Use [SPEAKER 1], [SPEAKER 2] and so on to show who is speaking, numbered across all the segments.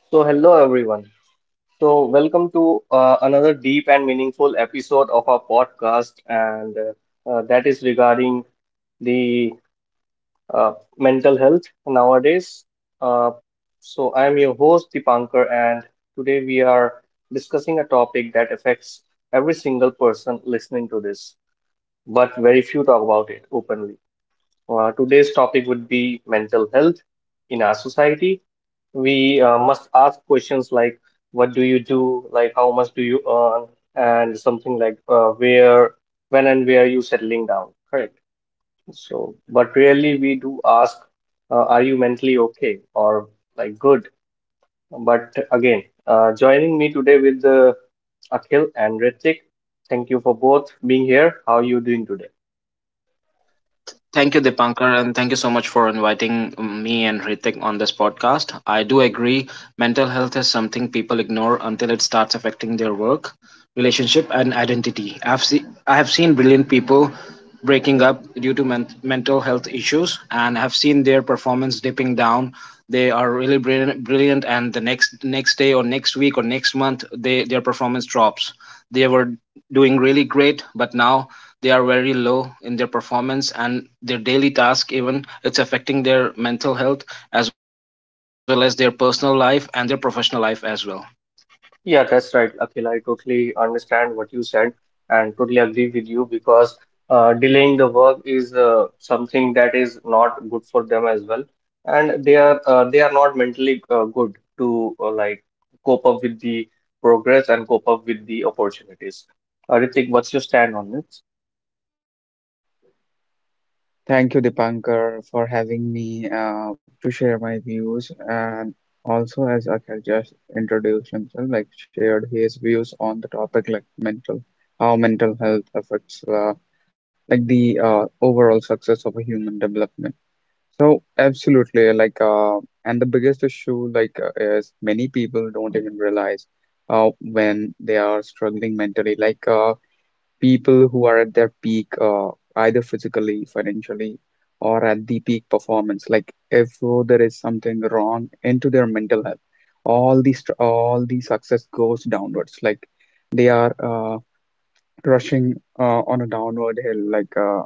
[SPEAKER 1] So, hello everyone. So, welcome to another deep and meaningful episode of our podcast, and that is regarding the mental health nowadays. Uh, so, I'm your host Dipankar, and today we are discussing a topic that affects every single person listening to this, but very few talk about it openly. Today's topic would be mental health in our society. We must ask questions like, what do you do? Like, how much do you earn? And something like, when and where are you settling down? Correct. So, but really, we do ask, are you mentally okay or like good? But again, joining me today with Akhil and Ritik. Thank you for both being here. How are you doing today?
[SPEAKER 2] Thank you, Dipankar, and thank you so much for inviting me and Ritik on this podcast. I do agree, mental health is something people ignore until it starts affecting their work, relationship, and identity. I have seen brilliant people breaking up due to mental health issues, and have seen their performance dipping down. They are really brilliant, brilliant, and the next day or next week or next month, they their performance drops. They were doing really great, but now they are very low in their performance and their daily task even it's affecting their mental health as well as their personal life and their professional life as well.
[SPEAKER 1] Yeah, that's right, Akhil. I totally understand what you said and totally agree with you because delaying the work is something that is not good for them as well, and they are not mentally good to like cope up with the progress and cope up with the opportunities. Ritik, what's your stand on it?
[SPEAKER 3] Thank you, Dipankar, for having me to share my views, and also, as Akhil just introduced himself, like shared his views on the topic, like how mental health affects like the overall success of a human development. So absolutely, and the biggest issue, is many people don't even realize when they are struggling mentally. People who are at their peak, either physically, financially, or at the peak performance. Like if there is something wrong into their mental health, all the success goes downwards. Like they are rushing on a downward hill. Like uh,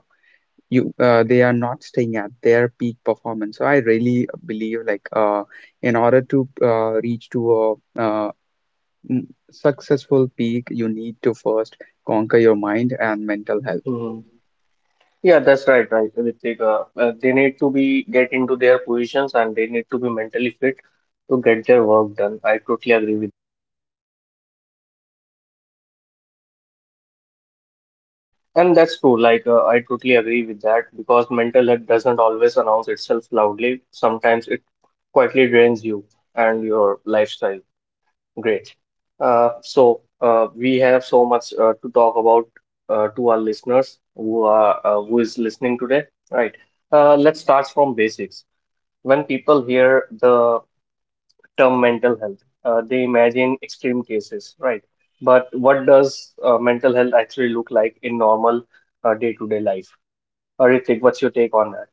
[SPEAKER 3] you, uh, They are not staying at their peak performance. So I really believe in order to reach to a successful peak, you need to first conquer your mind and mental health.
[SPEAKER 1] Mhm. Yeah, that's right, Ritik. They need to be get into their positions and they need to be mentally fit to get their work done. I totally agree with. And that's true. Like, I totally agree with that because mental health doesn't always announce itself loudly. Sometimes it quietly drains you and your lifestyle. Great. So, we have so much to talk about to our listeners who are who is listening today, right? Let's start from basics. When people hear the term mental health, they imagine extreme cases, right? But what does mental health actually look like in normal day-to-day life? Or Ritik, what's your take on that?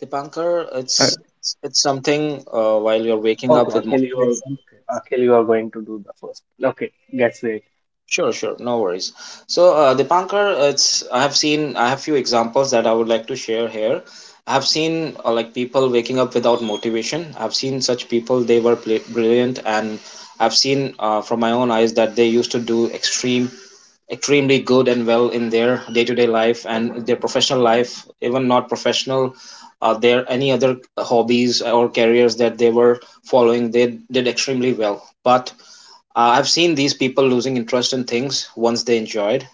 [SPEAKER 2] Dipankar,
[SPEAKER 3] Uh,
[SPEAKER 2] it's it's something while you're waking
[SPEAKER 1] Okay,
[SPEAKER 2] up with
[SPEAKER 1] Akhil, you are
[SPEAKER 2] motivation.
[SPEAKER 1] okay. Akhil, you are going to do the first. Okay, that's it.
[SPEAKER 2] Sure, sure, no worries. So, Dipankar, it's I have seen I have few examples that I would like to share here. I have seen like people waking up without motivation. I've seen such people; they were brilliant, and I've seen from my own eyes that they used to do extremely good and well in their day-to-day life and their professional life, even not professional. Are there any other hobbies or careers that they were following? They did extremely well, but I've seen these people losing interest in things once they enjoyed.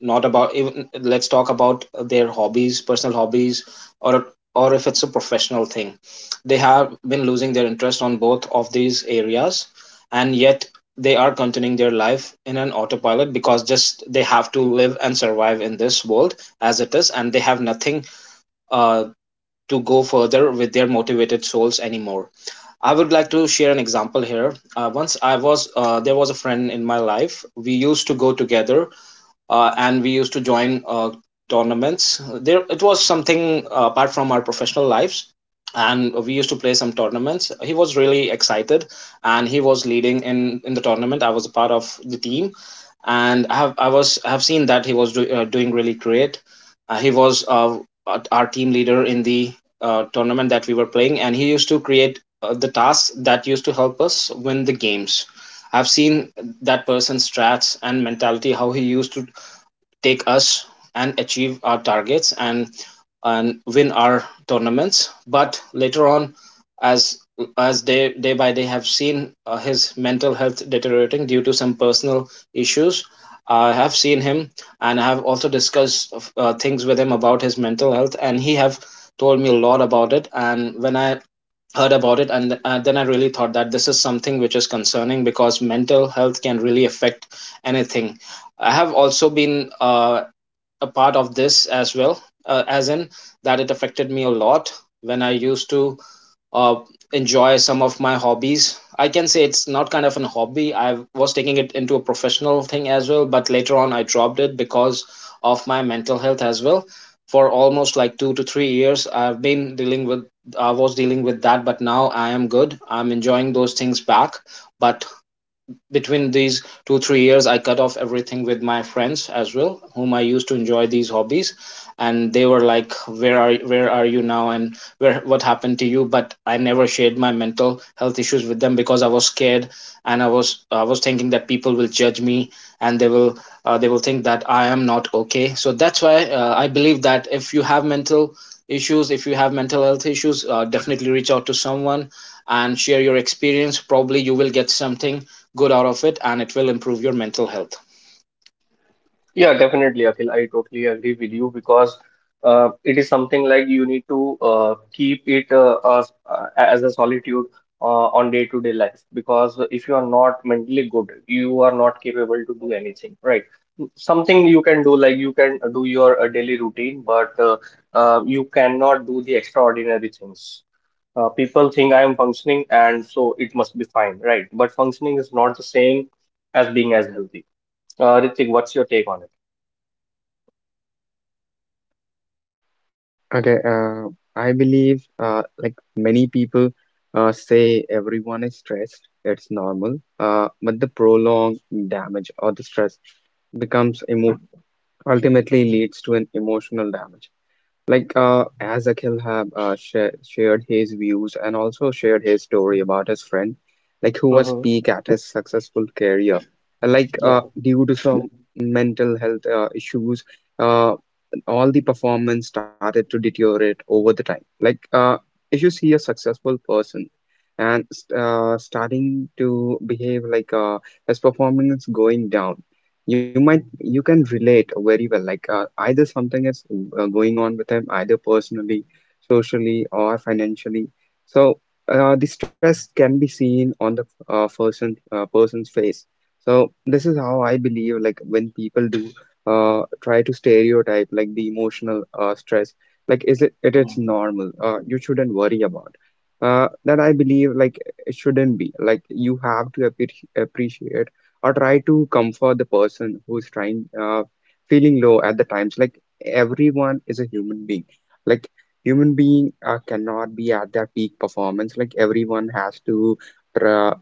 [SPEAKER 2] Not about, even let's talk about their hobbies, personal hobbies, or or if it's a professional thing, they have been losing their interest on both of these areas, and yet they are continuing their life in an autopilot because just they have to live and survive in this world as it is, and they have nothing uh, to go further with their motivated souls anymore. I would like to share an example here. Once I was There was a friend in my life. We used to go together, and we used to join tournaments. There, it was something apart from our professional lives, and we used to play some tournaments. He was really excited, and he was leading in the tournament. I was a part of the team, and I have seen that he was doing really great. He was, team leader in the tournament that we were playing, and he used to create the tasks that used to help us win the games. I've seen that person's strats and mentality, how he used to take us and achieve our targets and win our tournaments. But later on, as as day by day, have seen his mental health deteriorating due to some personal issues. I have seen him, and I have also discussed things with him about his mental health, and he have told me a lot about it. And when I heard about it, and then I really thought that this is something which is concerning, because mental health can really affect anything. I have also been a part of this as well, as in that it affected me a lot when I used to uh, enjoy some of my hobbies. I can say it's not kind of an hobby. I was taking it into a professional thing as well, but later on I dropped it because of my mental health as well. For almost like 2 to 3 years, I was dealing with that, but now I am good. I'm enjoying those things back. But between these 2 three years, I cut off everything with my friends as well, whom I used to enjoy these hobbies. And they were like, where are you now and where what happened to you? But I never shared my mental health issues with them because I was scared, and I was thinking that people will judge me, and they will, they will think that I am not okay. So that's why I believe that if you have mental issues, if you have mental health issues, definitely reach out to someone and share your experience. Probably you will get something good out of it, and it will improve your mental health.
[SPEAKER 1] Yeah, definitely, Akhil. I totally agree with you because it is something like you need to keep it as a solitude on day-to-day life because if you are not mentally good, you are not capable to do anything, right? Something you can do, like you can do your daily routine, but you cannot do the extraordinary things. People think I am functioning and so it must be fine, right? But functioning is not the same as being as healthy. Ritik, what's your take on it?
[SPEAKER 3] Okay, I believe like many people say everyone is stressed, it's normal, but the prolonged damage or the stress becomes emo ultimately leads to an emotional damage. As Akhil have shared his views and also shared his story about his friend, like who was
[SPEAKER 1] Hmm.
[SPEAKER 3] peak at his successful career,
[SPEAKER 1] Yeah,
[SPEAKER 3] due to some mental health issues, uh, all the performance started to deteriorate over the time. If you see a successful person and starting to behave like his performance is going down, you might, you can relate very well, either something is going on with him, either personally, socially, or financially. So the stress can be seen on the person's face. So this is how I believe, like when people do try to stereotype like the emotional stress, like is it it is normal, you shouldn't worry about that. I believe like it shouldn't be like. You have to appreciate or try to comfort the person who's trying feeling low at the times. Like everyone is a human being. like Human being cannot be at their peak performance. Like everyone has to tra-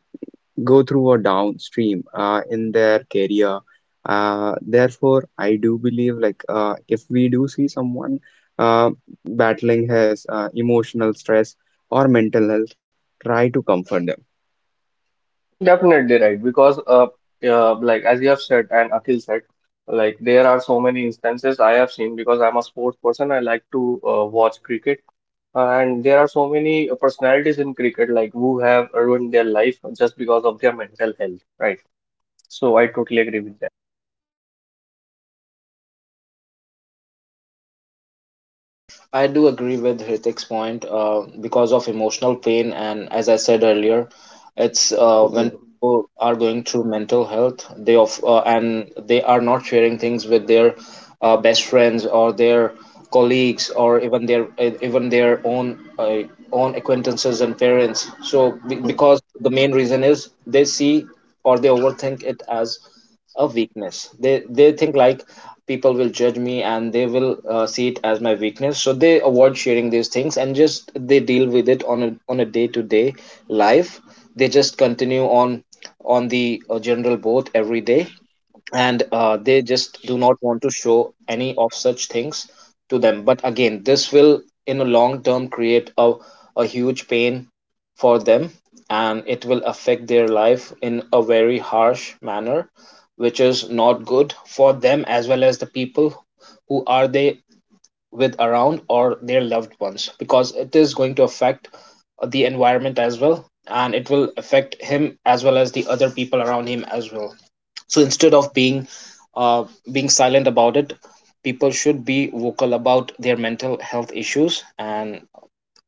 [SPEAKER 3] go through a downstream in their career. Therefore, I do believe, if we do see someone uh, battling his emotional stress or mental health, try to comfort them.
[SPEAKER 1] definitely right. Because like as you have said and Akhil said, like there are so many instances I have seen because I'm a sports person. I like to watch cricket. And there are so many personalities in cricket, like who have ruined their life just because of their mental health, right? So I totally agree with
[SPEAKER 2] I do agree with Hritik's point, because of emotional pain, and as I said earlier, it's when
[SPEAKER 1] that.
[SPEAKER 2] people are going through mental health, they of and they are not sharing things with their best friends or their colleagues, or even their own own acquaintances and parents. So because the main reason is they see or they overthink it as a weakness. They think like, people will judge me and they will, see it as my weakness. So they avoid sharing these things, and just they deal with it on a day to day life. They just continue on the general boat every day, and they just do not want to show any of such things to them. But again, this will in a long term create a huge pain for them, and it will affect their life in a very harsh manner, which is not good for them as well as the people who are they with around, or their loved ones, because it is going to affect the environment as well, and it will affect him as well as the other people around him as well. So instead of being uh, being silent about it, people should be vocal about their mental health issues, and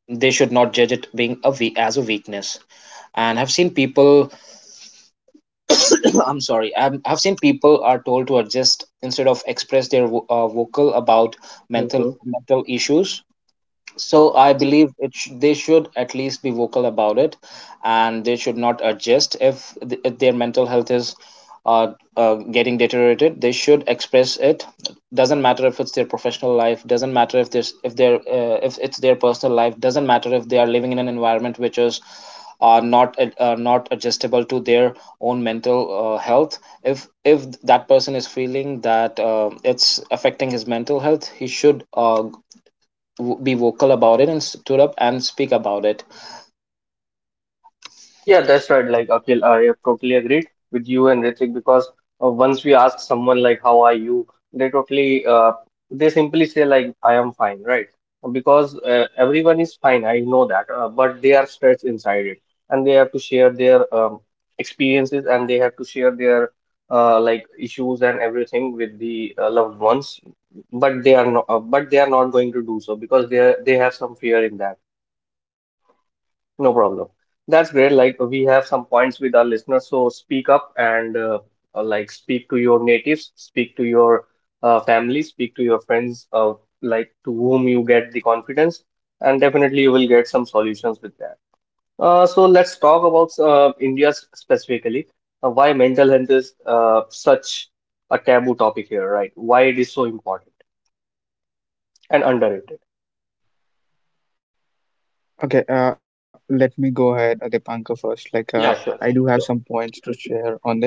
[SPEAKER 2] they should not judge it being a as a weakness. And I've seen people I'm sorry. I've seen people are told to adjust instead of express their vocal about mental
[SPEAKER 1] Mm-hmm.
[SPEAKER 2] mental issues. So I believe it they should at least be vocal about it, and they should not adjust if, if their mental health is, getting deteriorated. They should express it. Doesn't matter if it's their professional life. Doesn't matter if there's if their, if it's their personal life. Doesn't matter if they are living in an environment which is not not adjustable to their own mental health. If that person is feeling that it's affecting his mental health, he should be vocal about it and stood up and speak about it.
[SPEAKER 1] Yeah, that's right. Like, Akhil, I have totally agreed with you and Ritik because once we ask someone like, "How are you?" they totally, uh, they simply say like, "I am fine," right? Because everyone is fine. I know that, but they are stressed inside it, and they have to share their experiences and they have to share their like issues and everything with the loved ones. But they are not, but they are not going to do so because they have some fear in that. No problem. That's great. Like we have some points with our listeners, so speak up and like speak to your natives, speak to your family, speak to your friends, like to whom you get the confidence, and definitely you will get some solutions with that. So let's talk about India specifically. Why mental health is such a taboo topic here, right? Why it is so important and underrated.
[SPEAKER 3] Okay, let me go ahead, Dipankar, first.
[SPEAKER 1] Yeah,
[SPEAKER 3] I do
[SPEAKER 1] sure.
[SPEAKER 3] have some points to share on this.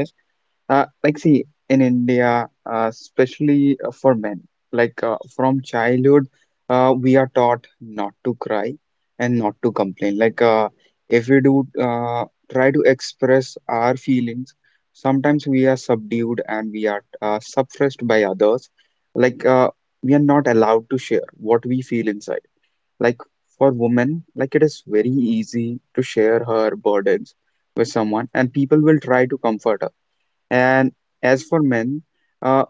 [SPEAKER 3] See, in India, especially for men, from childhood, we are taught not to cry and not to complain. If we do try to express our feelings, sometimes we are subdued and we are suppressed by others. Like, uh, we are not allowed to share what we feel inside. like for women, like it is very easy to share her burdens with someone, and people will try to comfort her. And as for men, uh,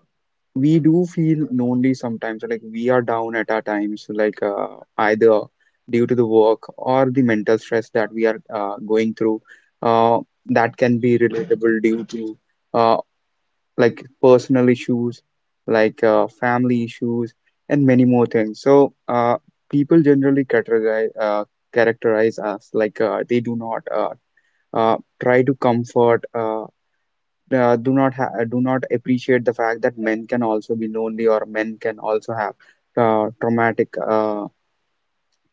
[SPEAKER 3] we do feel lonely sometimes. Like we are down at our times, either due to the work or the mental stress that we are going through. Uh, that can be relatable due to uh, like personal issues, family issues, and many more things. So people generally categorize characterize us they do not try to comfort. Do not appreciate the fact that men can also be lonely, or men can also have traumatic uh,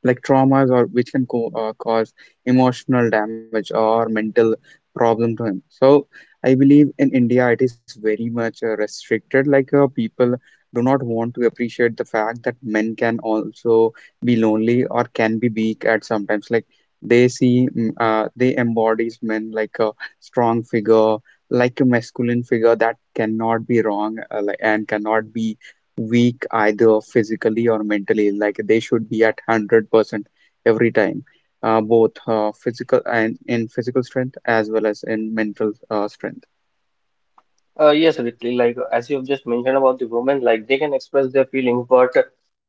[SPEAKER 3] like traumas, or which can cause emotional damage or mental problem to him. So I believe in India it is very much restricted. People do not want to appreciate the fact that men can also be lonely or can be weak at sometimes. Like they see they embodies men like a strong figure, like a masculine figure that cannot be wrong, and cannot be weak either physically or mentally. Like they should be at 100% every time, both physical and in physical strength as well as in mental strength.
[SPEAKER 1] Yes, Ritley, like as you have just mentioned about the women, like they can express their feelings, but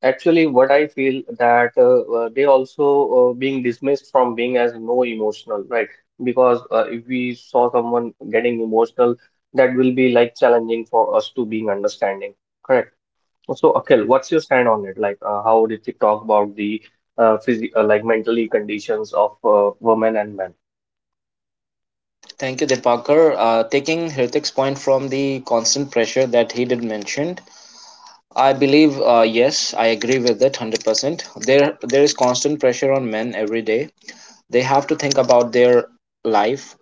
[SPEAKER 1] actually, what I feel that they also being dismissed from being as no emotional, right? Because if we saw someone getting emotional, that will be like challenging for us to being understanding, correct? So, Akhil, what's your stand on it? Like, how did you talk about the phys like mentally conditions of women and men?
[SPEAKER 2] Thank you, Deepakar. Taking Hritik's point from the constant pressure that he did mention, I believe, yes, I agree with it 100%. There is constant pressure on men every day. They have to think about their life,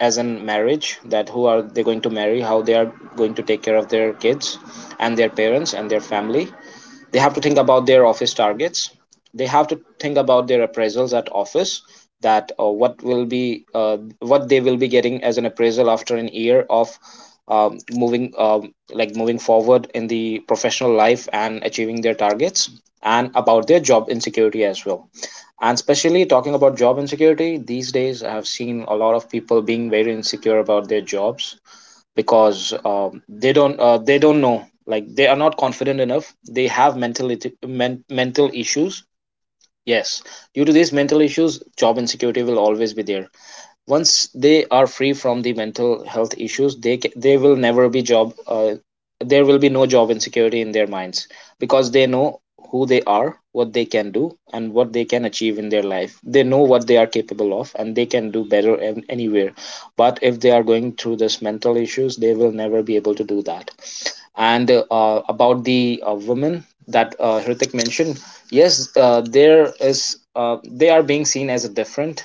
[SPEAKER 2] as in marriage, that who are they going to marry, how they are going to take care of their kids and their parents and their family. They have to think about their office targets. They have to think about their appraisals at office, that what will be what they will be getting as an appraisal after an year of moving, like moving forward in the professional life and achieving their targets, and about their job insecurity as well. And especially talking about job insecurity these days, I have seen a lot of people being very insecure about their jobs, because they don't, they don't know, like they are not confident enough. They have mental issues. Yes, due to these mental issues, job insecurity will always be there. Once they are free from the mental health issues, they they will never be job there will be no job insecurity in their minds, because they know who they are, what they can do, and what they can achieve in their life. They know what they are capable of, and they can do better anywhere. But if they are going through this mental issues, they will never be able to do that. And About the women that Hrithik mentioned, yes, there is, they are being seen as a different.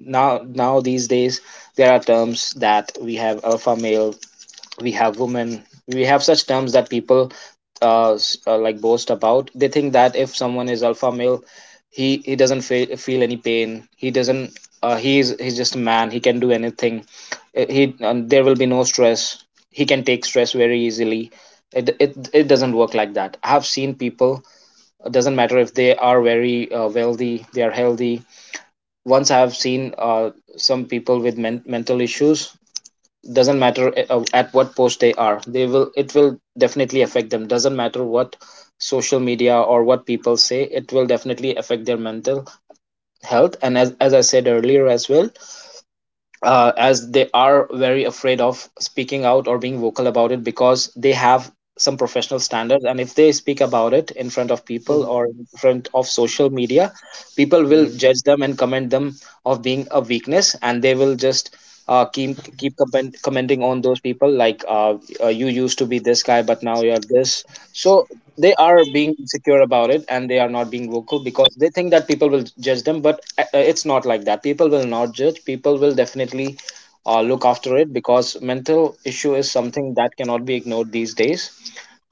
[SPEAKER 2] Now these days there are terms that we have alpha male, we have woman, we have such terms that people like boast about. They think that if someone is alpha male, he doesn't feel any pain. He doesn't, he's just a man, he can do anything. He There will be no stress, he can take stress very easily. It it doesn't work like that. I have seen people, it doesn't matter if they are very wealthy, they are healthy. Once I've seen some people with mental issues, doesn't matter at what post they are, they will, it will definitely affect them. Doesn't matter what social media or what people say, it will definitely affect their mental health. And as I said earlier as well, as they are very afraid of speaking out or being vocal about it, because they have some professional standards, and If they speak about it in front of people or in front of social media, people will
[SPEAKER 1] Mhm.
[SPEAKER 2] judge them and comment them of being a weakness. And they will just keep commenting on those people like you used to be this guy but now you're this. So they are being insecure about it, and they are not being vocal because they think that people will judge them. But it's not like that. People will not judge. People will definitely look after it because mental issue is something that cannot be ignored these days.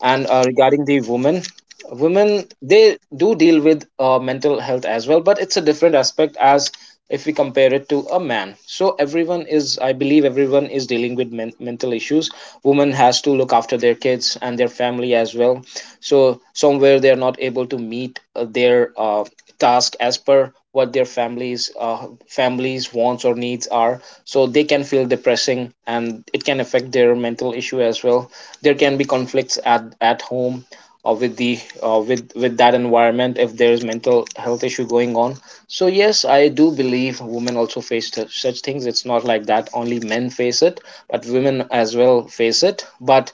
[SPEAKER 2] And regarding the woman women, they do deal with mental health as well, but it's a different aspect as if we compare it to a man. So everyone is I believe everyone is dealing with mental issues. Woman has to look after their kids and their family as well. So somewhere they are not able to meet their task as per what their families wants or needs are, so they can feel depressing, and it can affect their mental issue as well. There can be conflicts at home with the with that environment if there is mental health issue going on. So yes, I do believe women also face such things. It's not like that only men face it, but women as well face it. But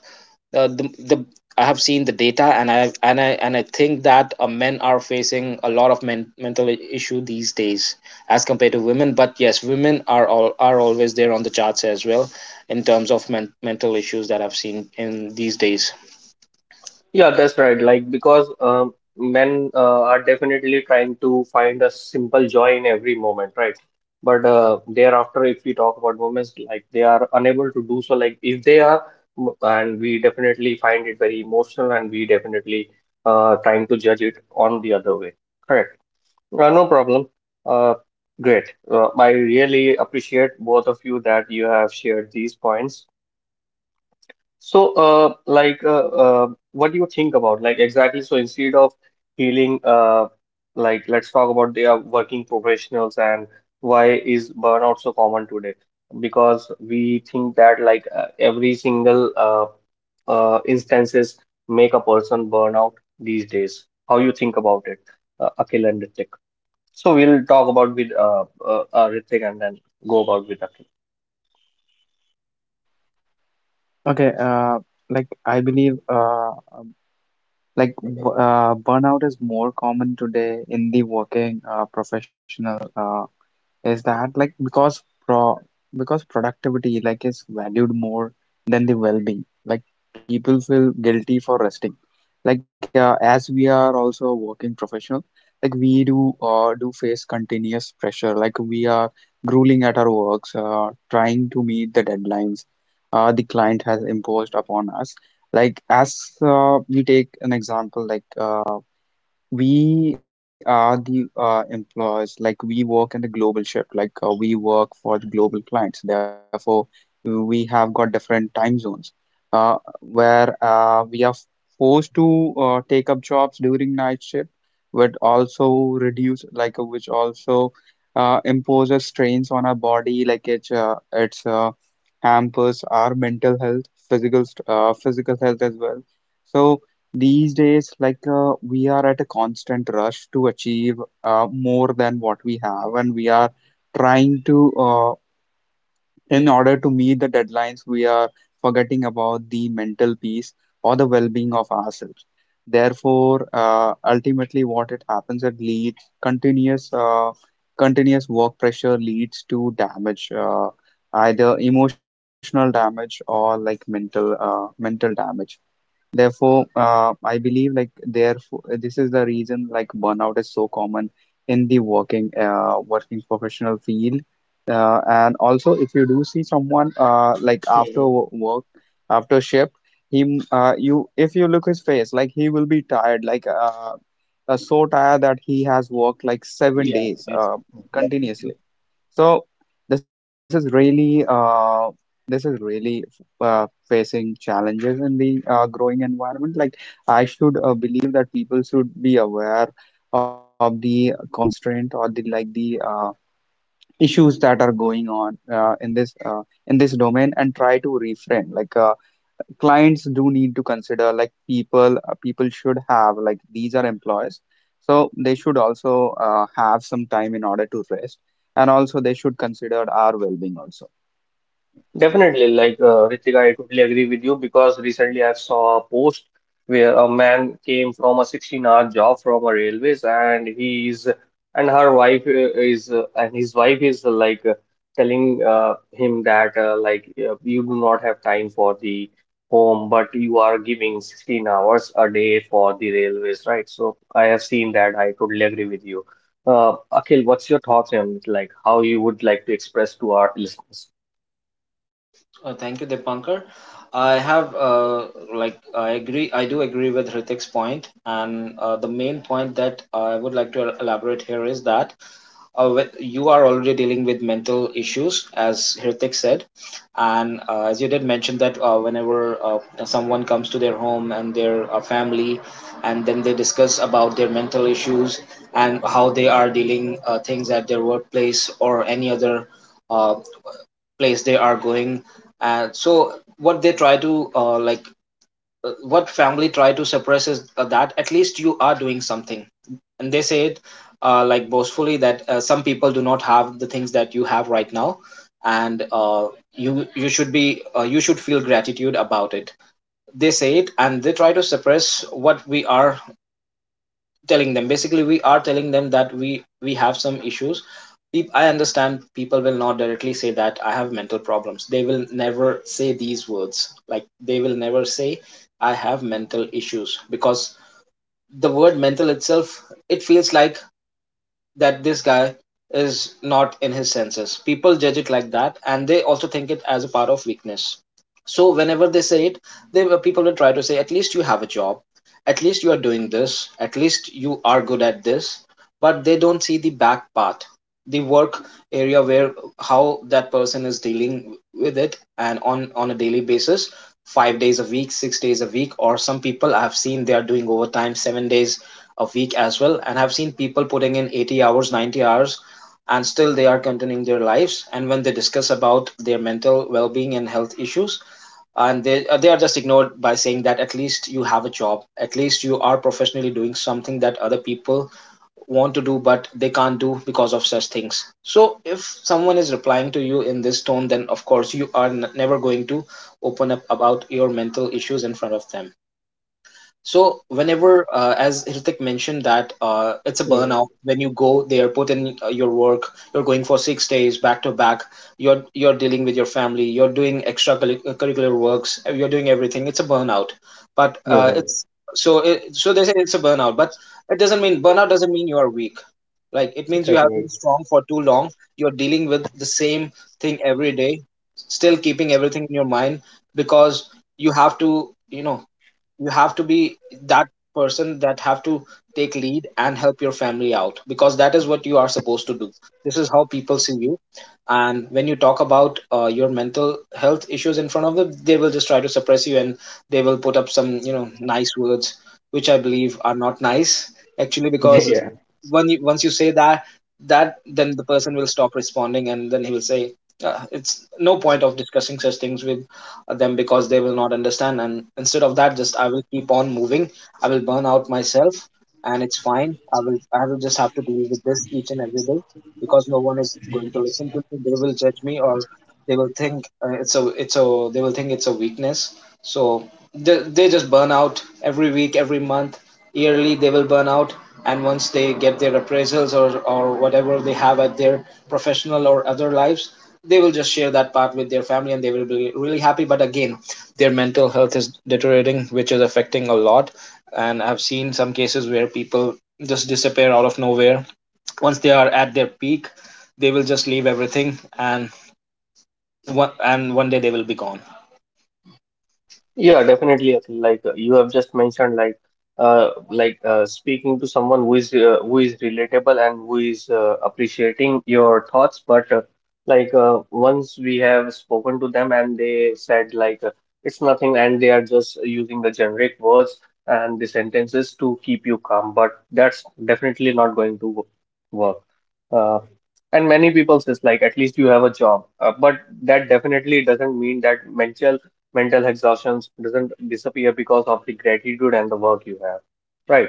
[SPEAKER 2] the I have seen the data, and I think that men are facing a lot of mental issue these days as compared to women. But yes, women are all are always there on the charts as well in terms of mental issues that I've seen in these days.
[SPEAKER 1] Yeah, that's right. Like, because men are definitely trying to find a simple joy in every moment, right? But thereafter, if we talk about women, like they are unable to do so. Like, if they are, and we definitely find it very emotional, and we definitely trying to judge it on the other way. Correct. No problem. Uh, Great. I really appreciate both of you that you have shared these points. So, like, what do you think about like exactly? So instead of healing, like, let's talk about the working professionals and why is burnout so common today? Because we think that like every single instances make a person burnout these days. How you think about it, Akhil and Ritik? So we'll talk about with Ritik and then go about with Akhil.
[SPEAKER 3] Okay, I believe, um, burnout is more common today in the working professional. Is that like because pro because productivity like is valued more than the well-being. Like people feel guilty for resting, as we are also a working professional. Like we do do face continuous pressure. Like we are grueling at our works, trying to meet the deadlines the client has imposed upon us. Like as We take an example. We are the employers. Like we work in the global shift, we work for the global clients. Therefore, we have got different time zones uh, where we are forced to take up jobs during night shift, but also reduce, which also imposes strains on our body. Like it's Hampers our mental health, physical health as well. So. These days, we are at a constant rush to achieve more than what we have, and we are trying to, in order to meet the deadlines, we are forgetting about the mental peace or the well-being of ourselves. Therefore, ultimately, what it happens, it leads continuous, uh, continuous work pressure leads to damage, either emotional damage or like mental damage. Therefore, I believe like therefore this is the reason like burnout is so common in the working professional field. And also, if you do see someone uh, like after
[SPEAKER 1] Yeah,
[SPEAKER 3] wo- work, after shift, he you, if you look his face, like he will be tired, so tired that he has worked like seven
[SPEAKER 1] yeah.
[SPEAKER 3] days Yeah, continuously. So this is really this is really facing challenges in the growing environment. Like I should believe that people should be aware of the constraint or the issues that are going on in this domain, and try to reframe. Clients do need to consider, like people should have, like these are employees, so they should also have some time in order to rest, and also they should consider our well-being also.
[SPEAKER 1] Definitely, like Ritika, I totally agree with you because recently I saw a post where a man came from a 16-hour job from a railways, and he is and her wife is and his wife is like telling him that like you do not have time for the home, but you are giving 16 hours a day for the railways, right? So I have seen that. I totally agree with you. Akhil, what's your thoughts on it? Like how you would like to express to our listeners?
[SPEAKER 2] Thank you, Dipankar. I have I agree. I do agree with Hritik's point, and the main point that I would like to elaborate here is that you are already dealing with mental issues, as Hritik said. And as you did mention that whenever someone comes to their home and their family, and then they discuss about their mental issues and how they are dealing things at their workplace or any other uh place they are going. And so what they try to what family try to suppress is that at least you are doing something. And they say it like boastfully that some people do not have the things that you have right now. And you should be you should feel gratitude about it. They say it, and they try to suppress what we are telling them. Basically we are telling them that we have some issues. I understand people will not directly say that I have mental problems. They will never say these words. Like they will never say I have mental issues because the word mental itself, it feels like that this guy is not in his senses. People judge it like that, and they also think it as a part of weakness. So whenever they say it, they people will try to say, at least you have a job, at least you are doing this, at least you are good at this. But they don't see the back path, the work area where how that person is dealing with it, and on a daily basis, 5 days a week, 6 days a week, or some people I have seen, they are doing overtime, 7 days a week as well. And I've seen people putting in 80 hours, 90 hours, and still they are continuing their lives. And when they discuss about their mental well-being and health issues, and they are just ignored by saying that at least you have a job, at least you are professionally doing something that other people want to do, but they can't do because of such things. So if someone is replying to you in this tone, then of course you are never going to open up about your mental issues in front of them. So whenever, as Hrithik mentioned, that it's a burnout, when you go the airport and your work, you're going for 6 days back to back. You're dealing with your family, you're doing curricular works, you're doing everything. It's a burnout, but
[SPEAKER 1] Uhum.
[SPEAKER 2] so they say it's a burnout, but it doesn't mean. Burnout doesn't mean you are weak. Like it means you
[SPEAKER 1] Tá
[SPEAKER 2] have been
[SPEAKER 1] doido.
[SPEAKER 2] strong for too long. You're dealing with the same thing every day, still keeping everything in your mind because you have to, you know, you have to be that person that have to take lead and help your family out, because that is what you are supposed to do. This is how people see you. And when you talk about your mental health issues in front of them, they will just try to suppress you, and they will put up some, you know, nice words, which I believe are not nice actually. Because
[SPEAKER 1] É.
[SPEAKER 2] when you, once you say that, that then the person will stop responding, and then he will say it's no point of discussing such things with them because they will not understand. And instead of that, just I will keep on moving. I will burn out myself, and it's fine. I will just have to deal with this each and every day because no one is going to listen to me. They will judge me, or they will think it's a they will think it's a weakness. So they just burn out every week, every month, yearly they will burn out. And once they get their appraisals or whatever they have at their professional or other lives, they will just share that part with their family and they will be really happy. But again, their mental health is deteriorating, which is affecting a lot. And I've seen some cases where people just disappear out of nowhere. Once they are at their peak, they will just leave everything, and one day they will be gone.
[SPEAKER 1] Yeah, definitely. Akhil. Like you have just mentioned, like speaking to someone who is relatable and who is appreciating your thoughts. But like once we have spoken to them and they said like it's nothing, and they are just using the generic words and the sentences to keep you calm. But that's definitely not going to work. Uh, and many people says like at least you have a job, but that definitely doesn't mean that mental exhaustion doesn't disappear because of the gratitude and the work you have. Right.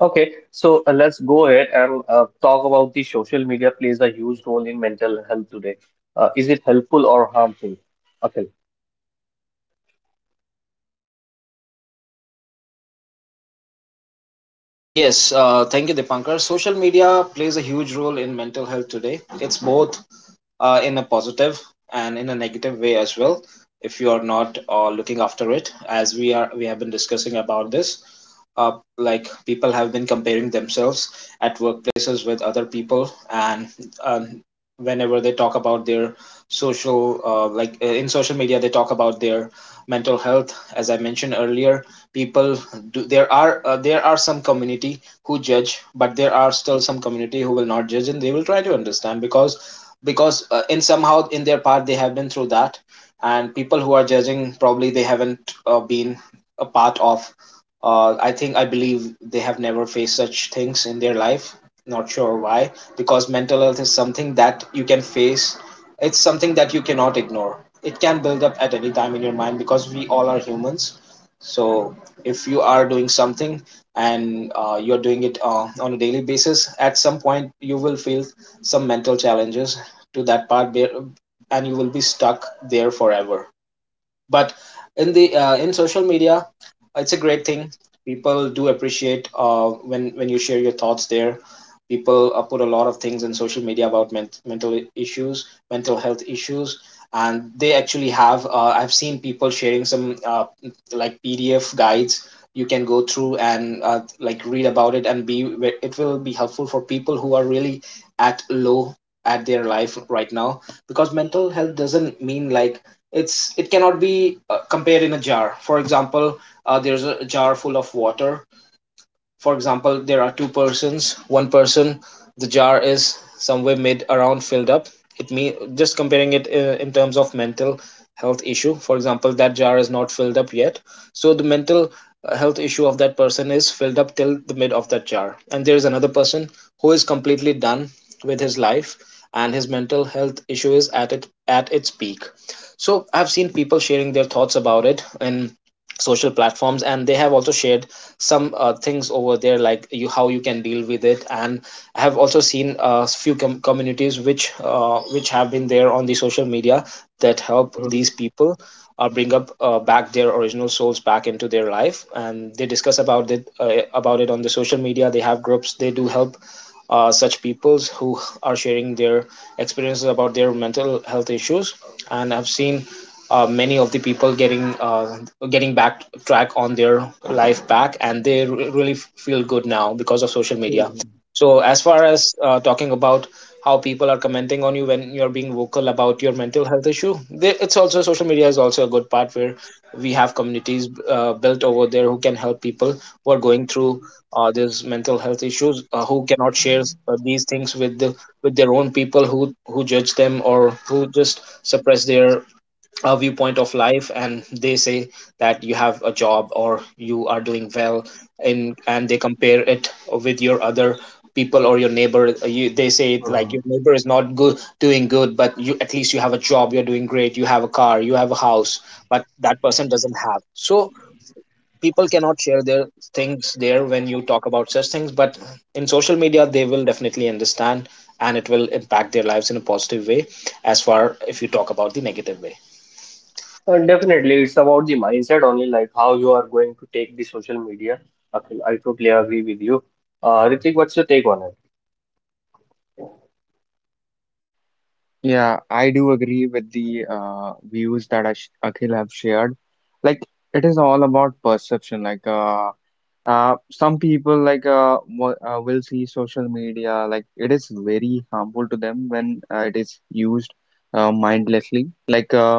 [SPEAKER 1] Okay. So let's go ahead and talk about the social media plays a huge role in mental health today. Is it helpful or harmful? Okay.
[SPEAKER 2] Yes, thank you, Dipankar. Social media plays a huge role in mental health today. It's both in a positive and in a negative way as well, if you are not looking after it. As we are, we have been discussing about this. uh, like people have been comparing themselves at workplaces with other people. And um, whenever they talk about their social like in social media, they talk about their mental health. As I mentioned earlier, people do, there are some community who judge, but there are still some community who will not judge, and they will try to understand because in somehow in their part they have been through that. And people who are judging, probably they haven't been a part of I believe they have never faced such things in their life. Not sure why, because mental health is something that you can face. It's something that you cannot ignore. It can build up at any time in your mind because we all are humans. So if you are doing something, and you're doing it on a daily basis, at some point you will feel some mental challenges to that part, and you will be stuck there forever. But in the in social media, it's a great thing. People do appreciate when you share your thoughts there. People put a lot of things in social media about mental issues, mental health issues. And they actually have I've seen people sharing some PDF guides you can go through and read about it, and be it will be helpful for people who are really at low at their life right now. Because mental health doesn't mean like it's, it cannot be compared in a jar, for example. There's a jar full of water, for example. There are two persons. One person, the jar is somewhere mid around filled up. It mean just comparing it in terms of mental health issue. For example, that jar is not filled up yet. So the mental health issue of that person is filled up till the mid of that jar. And there is another person who is completely done with his life, and his mental health issue is at it at its peak. So I've seen people sharing their thoughts about it in social platforms, and they have also shared some things over there like you how you can deal with it. And I have also seen a communities which have been there on the social media that help these
[SPEAKER 1] Hmm.
[SPEAKER 2] people bring up back their original souls back into their life. And they discuss about it on the social media. They have groups, they do help such peoples who are sharing their experiences about their mental health issues. And I've seen many of the people getting getting back track on their life back, and really feel good now because of social media.
[SPEAKER 1] Mm-hmm.
[SPEAKER 2] So as far as talking about how people are commenting on you when you're being vocal about your mental health issue, it's also, social media is also a good part where we have communities built over there who can help people who are going through these mental health issues, who cannot share these things with with their own people who judge them or who just suppress their a viewpoint of life, and they say that you have a job or you are doing well. And they compare it with your other people or your neighbor. They say it
[SPEAKER 1] uh,
[SPEAKER 2] like your neighbor is not good, doing good, but you, at least you have a job, you're doing great, you have a car, you have a house, but that person doesn't have. So people cannot share their things there when you talk about such things. But in social media, they will definitely understand, and it will impact their lives in a positive way. As far if you talk about the negative way.
[SPEAKER 1] definitely, it's about the mindset only, like how you are going to take the social media. Okay, I totally agree with you. Ritik, what's your take on it?
[SPEAKER 3] Yeah, I do agree with the views that Akhil have shared. Like it is all about perception, like some people will see social media like it is very harmful to them when it is used mindlessly.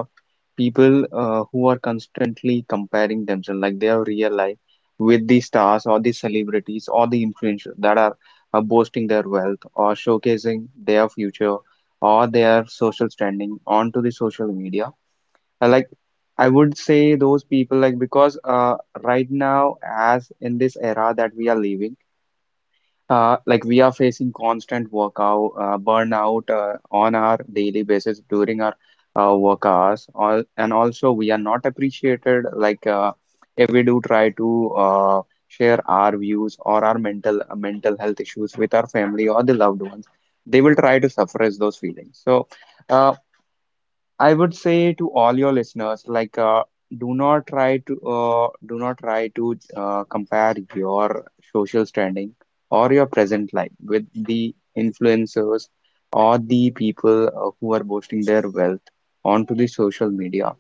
[SPEAKER 3] People who are constantly comparing themselves, like their real life, with the stars or the celebrities or the influencers that are boasting their wealth or showcasing their future or their social standing onto the social media, uh, like I would say those people, like because right now, as in this era that we are living, we are facing constant workout burnout on our daily basis during our work hours all, and also we are not appreciated. If we do try to share our views or our mental health issues with our family or the loved ones, they will try to suppress those feelings. So uh. I would say to all your listeners, do not try to, compare your social standing or your present life with the influencers or the people who are boasting their wealth onto the social media.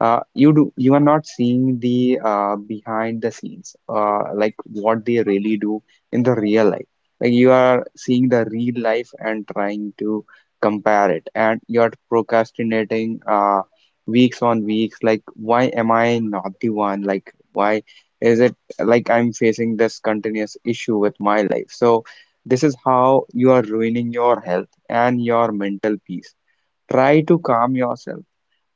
[SPEAKER 3] You do, you are not seeing the behind the scenes, like what they really do in the real life. Like you are seeing the real life and trying to compare it, and you're procrastinating, weeks on weeks, like why am I not the one, like why is it, like I'm facing this continuous issue with my life. So this is how you are ruining your health and your mental peace. Try to calm yourself.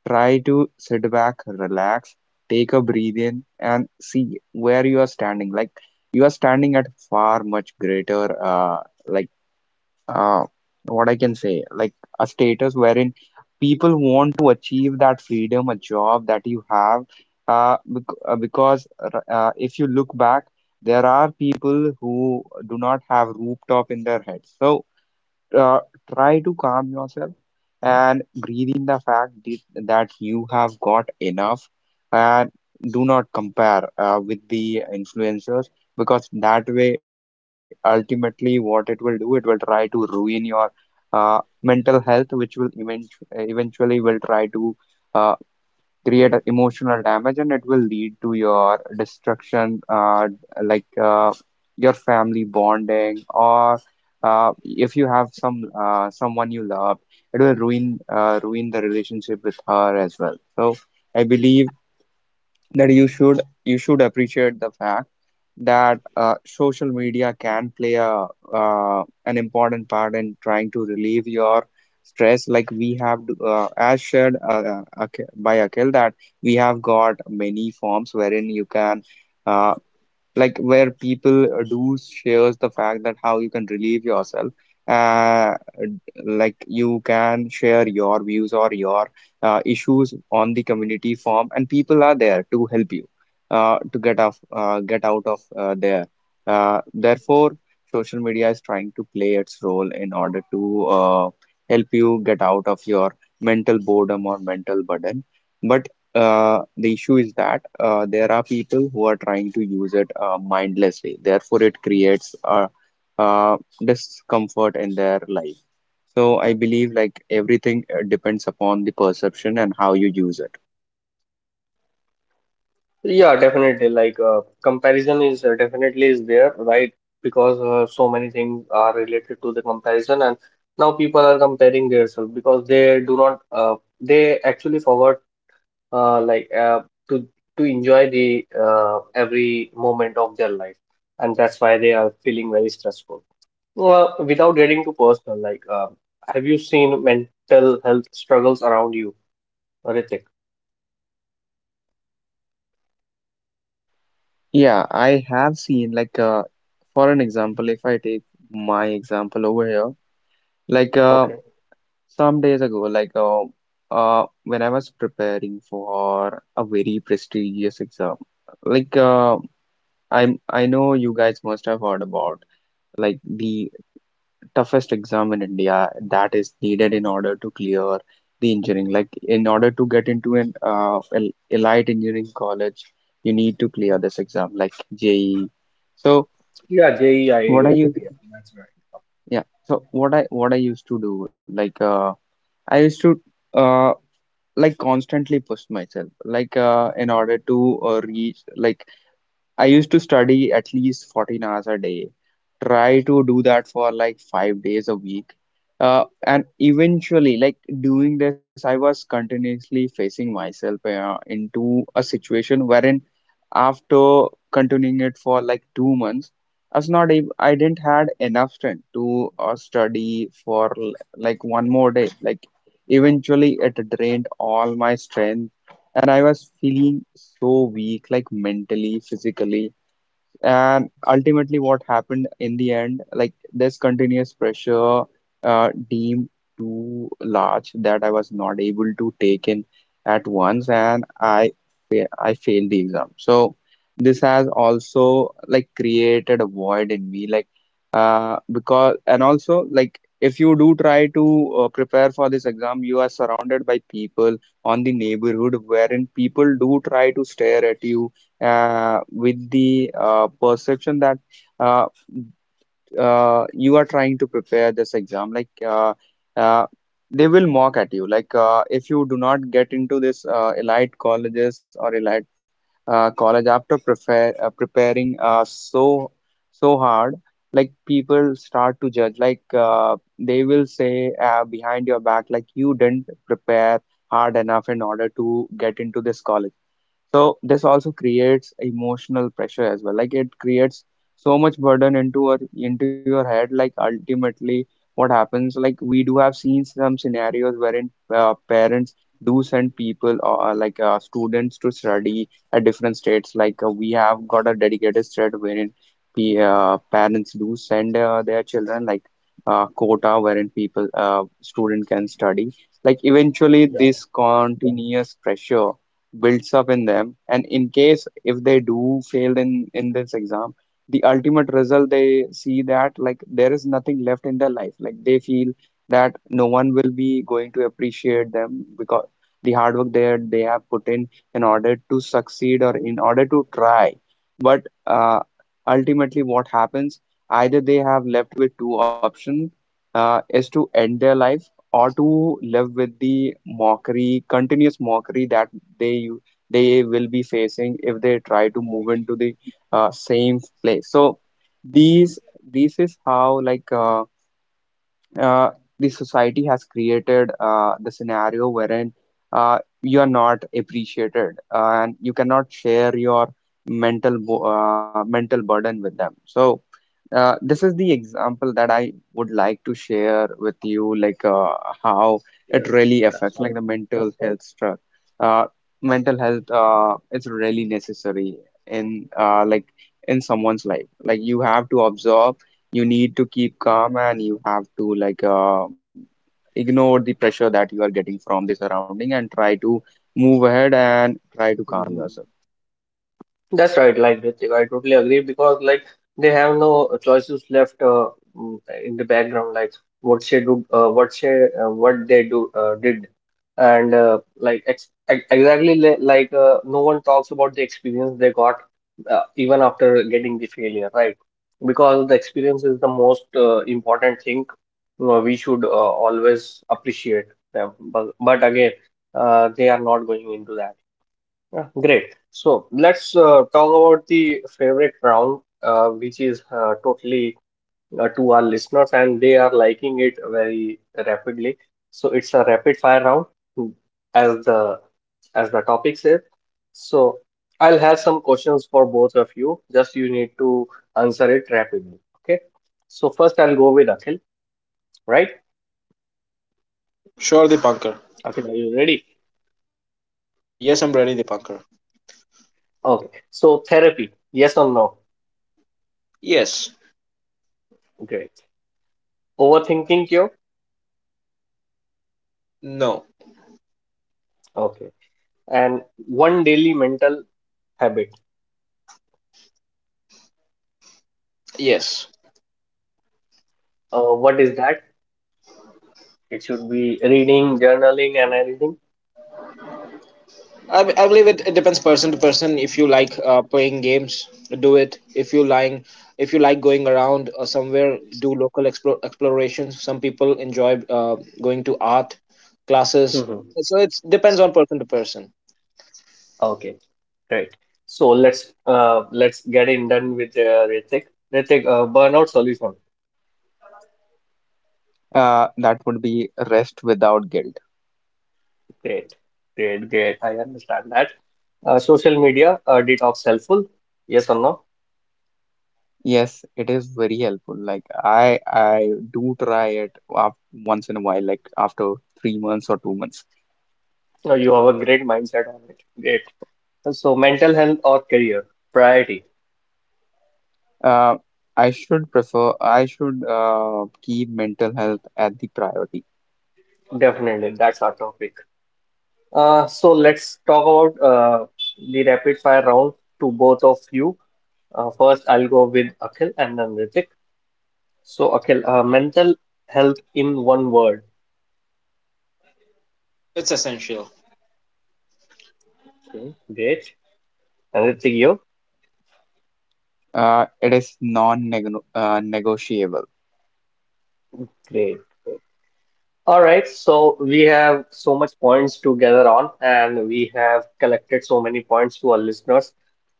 [SPEAKER 3] Try to sit back, relax, take a breathe in, and see where you are standing. Like you are standing at far much greater, uh, like uh, what I can say, like a status wherein people want to achieve that freedom, a job that you have, because if you look back, there are people who do not have rooftop in their heads. So uh, try to calm yourself and breathe in the fact that you have got enough and do not compare with the influencers, because that way ultimately what it will do, it will try to ruin your mental health, which will eventually will try to uh, create a emotional damage and it will lead to your destruction, like uh, your family bonding or if you have someone you love, it will ruin, ruin the relationship with her as well. So I believe that you should appreciate the fact that social media can play a an important part in trying to relieve your stress. Like as shared by Akhil, that we have got many forms wherein you can uh, like where people do shares the fact that how you can relieve yourself, uh like you can share your views or your issues on the community form, and people are there to help you to get out of there. Therefore, social media is trying to play its role in order to help you get out of your mental boredom or mental burden. But the issue is that there are people who are trying to use it mindlessly. Therefore, it creates a, uh, discomfort in their life. So I believe, like, everything depends upon the perception and how you use it.
[SPEAKER 1] Yeah, definitely. Like comparison is definitely is there, right? Because so many things are related to the comparison, and now people are comparing themselves because they do not. They actually forgot like to to enjoy the every moment of their life, and that's why they are feeling very stressful. Well, without getting too personal, like have you seen mental health struggles around you, Ritik?
[SPEAKER 3] Yeah, I have seen, like for an example, if I take my example over here, like
[SPEAKER 1] Okay.
[SPEAKER 3] some days ago, like when I was preparing for a very prestigious exam, like uh, I know you guys must have heard about like the toughest exam in India that is needed in order to clear the engineering. Like in order to get into an elite engineering college, you need to clear this exam like JEE. So
[SPEAKER 1] Yeah,
[SPEAKER 3] what I
[SPEAKER 1] JEIT.
[SPEAKER 3] you
[SPEAKER 1] Yeah, that's right.
[SPEAKER 3] yeah. So what I used to do, I used to uh, like constantly push myself, in order to reach, like, I used to study at least 14 hours a day, try to do that for like 5 days a week. And eventually, like, doing this, I was continuously facing myself into a situation wherein after continuing it for like 2 months, I was not able, I didn't had enough strength to study for like one more day. Like eventually, it drained all my strength, and I was feeling so weak, like mentally, physically. And ultimately, what happened in the end, like, this continuous pressure deemed too large that I was not able to take in at once, and I I failed the exam. So this has also like created a void in me, like because. And also, like, if you do try to prepare for this exam, you are surrounded by people on the neighborhood wherein people do try to stare at you with the perception that uh, you are trying to prepare this exam like uh, they will mock at you, like if you do not get into this elite colleges or elite college after preparing so so hard. Like people start to judge, like they will say, behind your back, like, you didn't prepare hard enough in order to get into this college. So this also creates emotional pressure as well. Like, it creates so much burden into our into your head. Like, ultimately, what happens? Like, we do have seen some scenarios wherein parents do send people or like students to study at different states. Like we have got a dedicated state wherein the parents do send their children, like, quota wherein people student can study. Like eventually, this continuous pressure builds up in them, and in case if they do fail in this exam, the ultimate result they see that like there is nothing left in their life, like they feel that no one will be going to appreciate them because the hard work they have put in order to succeed or in order to try. But ultimately what happens, either they have left with two options, is to end their life or to live with the mockery, continuous mockery that they they will be facing if they try to move into the same place. So these this is how, like uh, the society has created the scenario wherein you are not appreciated and you cannot share your mental burden with them. So this is the example that I would like to share with you, like how it
[SPEAKER 1] Yeah,
[SPEAKER 3] really
[SPEAKER 1] that's
[SPEAKER 3] affects like the
[SPEAKER 1] all.
[SPEAKER 3] mental health struck. Uh, Mental health is really necessary in like in someone's life. Like, you have to absorb, you need to keep calm, and you have to like ignore the pressure that you are getting from the surrounding and try to move ahead and try to calm
[SPEAKER 1] Hmm.
[SPEAKER 3] yourself.
[SPEAKER 1] That's right, like Ritik, I totally agree because like they have no choices left in the background, like what she do, what she, what they do did, and like exactly li like no one talks about the experience they got even after getting the failure, right? Because the experience is the most important thing we should always appreciate them, but again, they are not going into that. Yeah, great. So let's talk about the favorite round, which is totally to our listeners, and they are liking it very rapidly. So it's a rapid fire round, hmm, as the as the topic says. So I'll have some questions for both of you. Just you need to answer it rapidly. Okay. So first, I'll go with Akhil. Right?
[SPEAKER 2] Sure, the punker.
[SPEAKER 1] Akhil, are you ready?
[SPEAKER 2] The Yes, I'm ready, the punker.
[SPEAKER 1] Okay. So therapy, yes or no?
[SPEAKER 2] Yes.
[SPEAKER 1] Great. Overthinking cure?
[SPEAKER 2] No.
[SPEAKER 1] Okay. And one daily mental habit.
[SPEAKER 2] Yes.
[SPEAKER 1] What is that? It should be reading, journaling, and anything.
[SPEAKER 2] I believe it, it depends person to person. If you like playing games, do it. If you lying, if you like going around or somewhere, do local explorations. Some people enjoy going to art classes.
[SPEAKER 1] Mhm.
[SPEAKER 2] So it depends on person to person.
[SPEAKER 1] Okay, great. So let's let's get in done with Ritik. Ritik, burnout solution.
[SPEAKER 3] That would be rest without guilt.
[SPEAKER 1] Great, great, great. I understand that. Social media detox helpful? Yes or no?
[SPEAKER 3] Yes, it is very helpful. Like I do try it af once in a while, like after 3 months or 2 months.
[SPEAKER 1] No, you have a great mindset on it. Great. So mental health or career priority?
[SPEAKER 3] Uh, I should keep mental health at the priority.
[SPEAKER 1] Definitely, that's our topic. So let's talk about the rapid fire round to both of you. First, I'll go with Akhil and then Ritik. So, Akhil, mental health in one word.
[SPEAKER 2] It's essential.
[SPEAKER 1] Okay, great. And Ritik, you?
[SPEAKER 3] It is non-negotiable.
[SPEAKER 1] Great. All right. So, we have so much points to gather on, and we have collected so many points to our listeners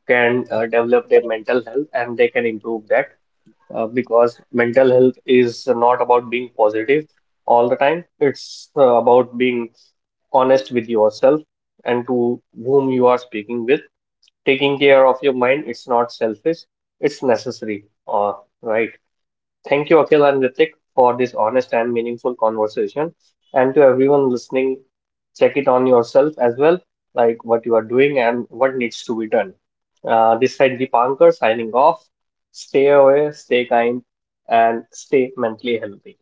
[SPEAKER 1] can develop their mental health and they can improve that. Because mental health is not about being positive all the time. It's about being honest with yourself and to whom you are speaking with. Taking care of your mind, it's not selfish, it's necessary. Right. Thank you, Akhil and Ritik, for this honest and meaningful conversation. And to everyone listening, check it on yourself as well, like what you are doing and what needs to be done. This side Deepankar signing off. Stay away, stay kind, and stay mentally healthy.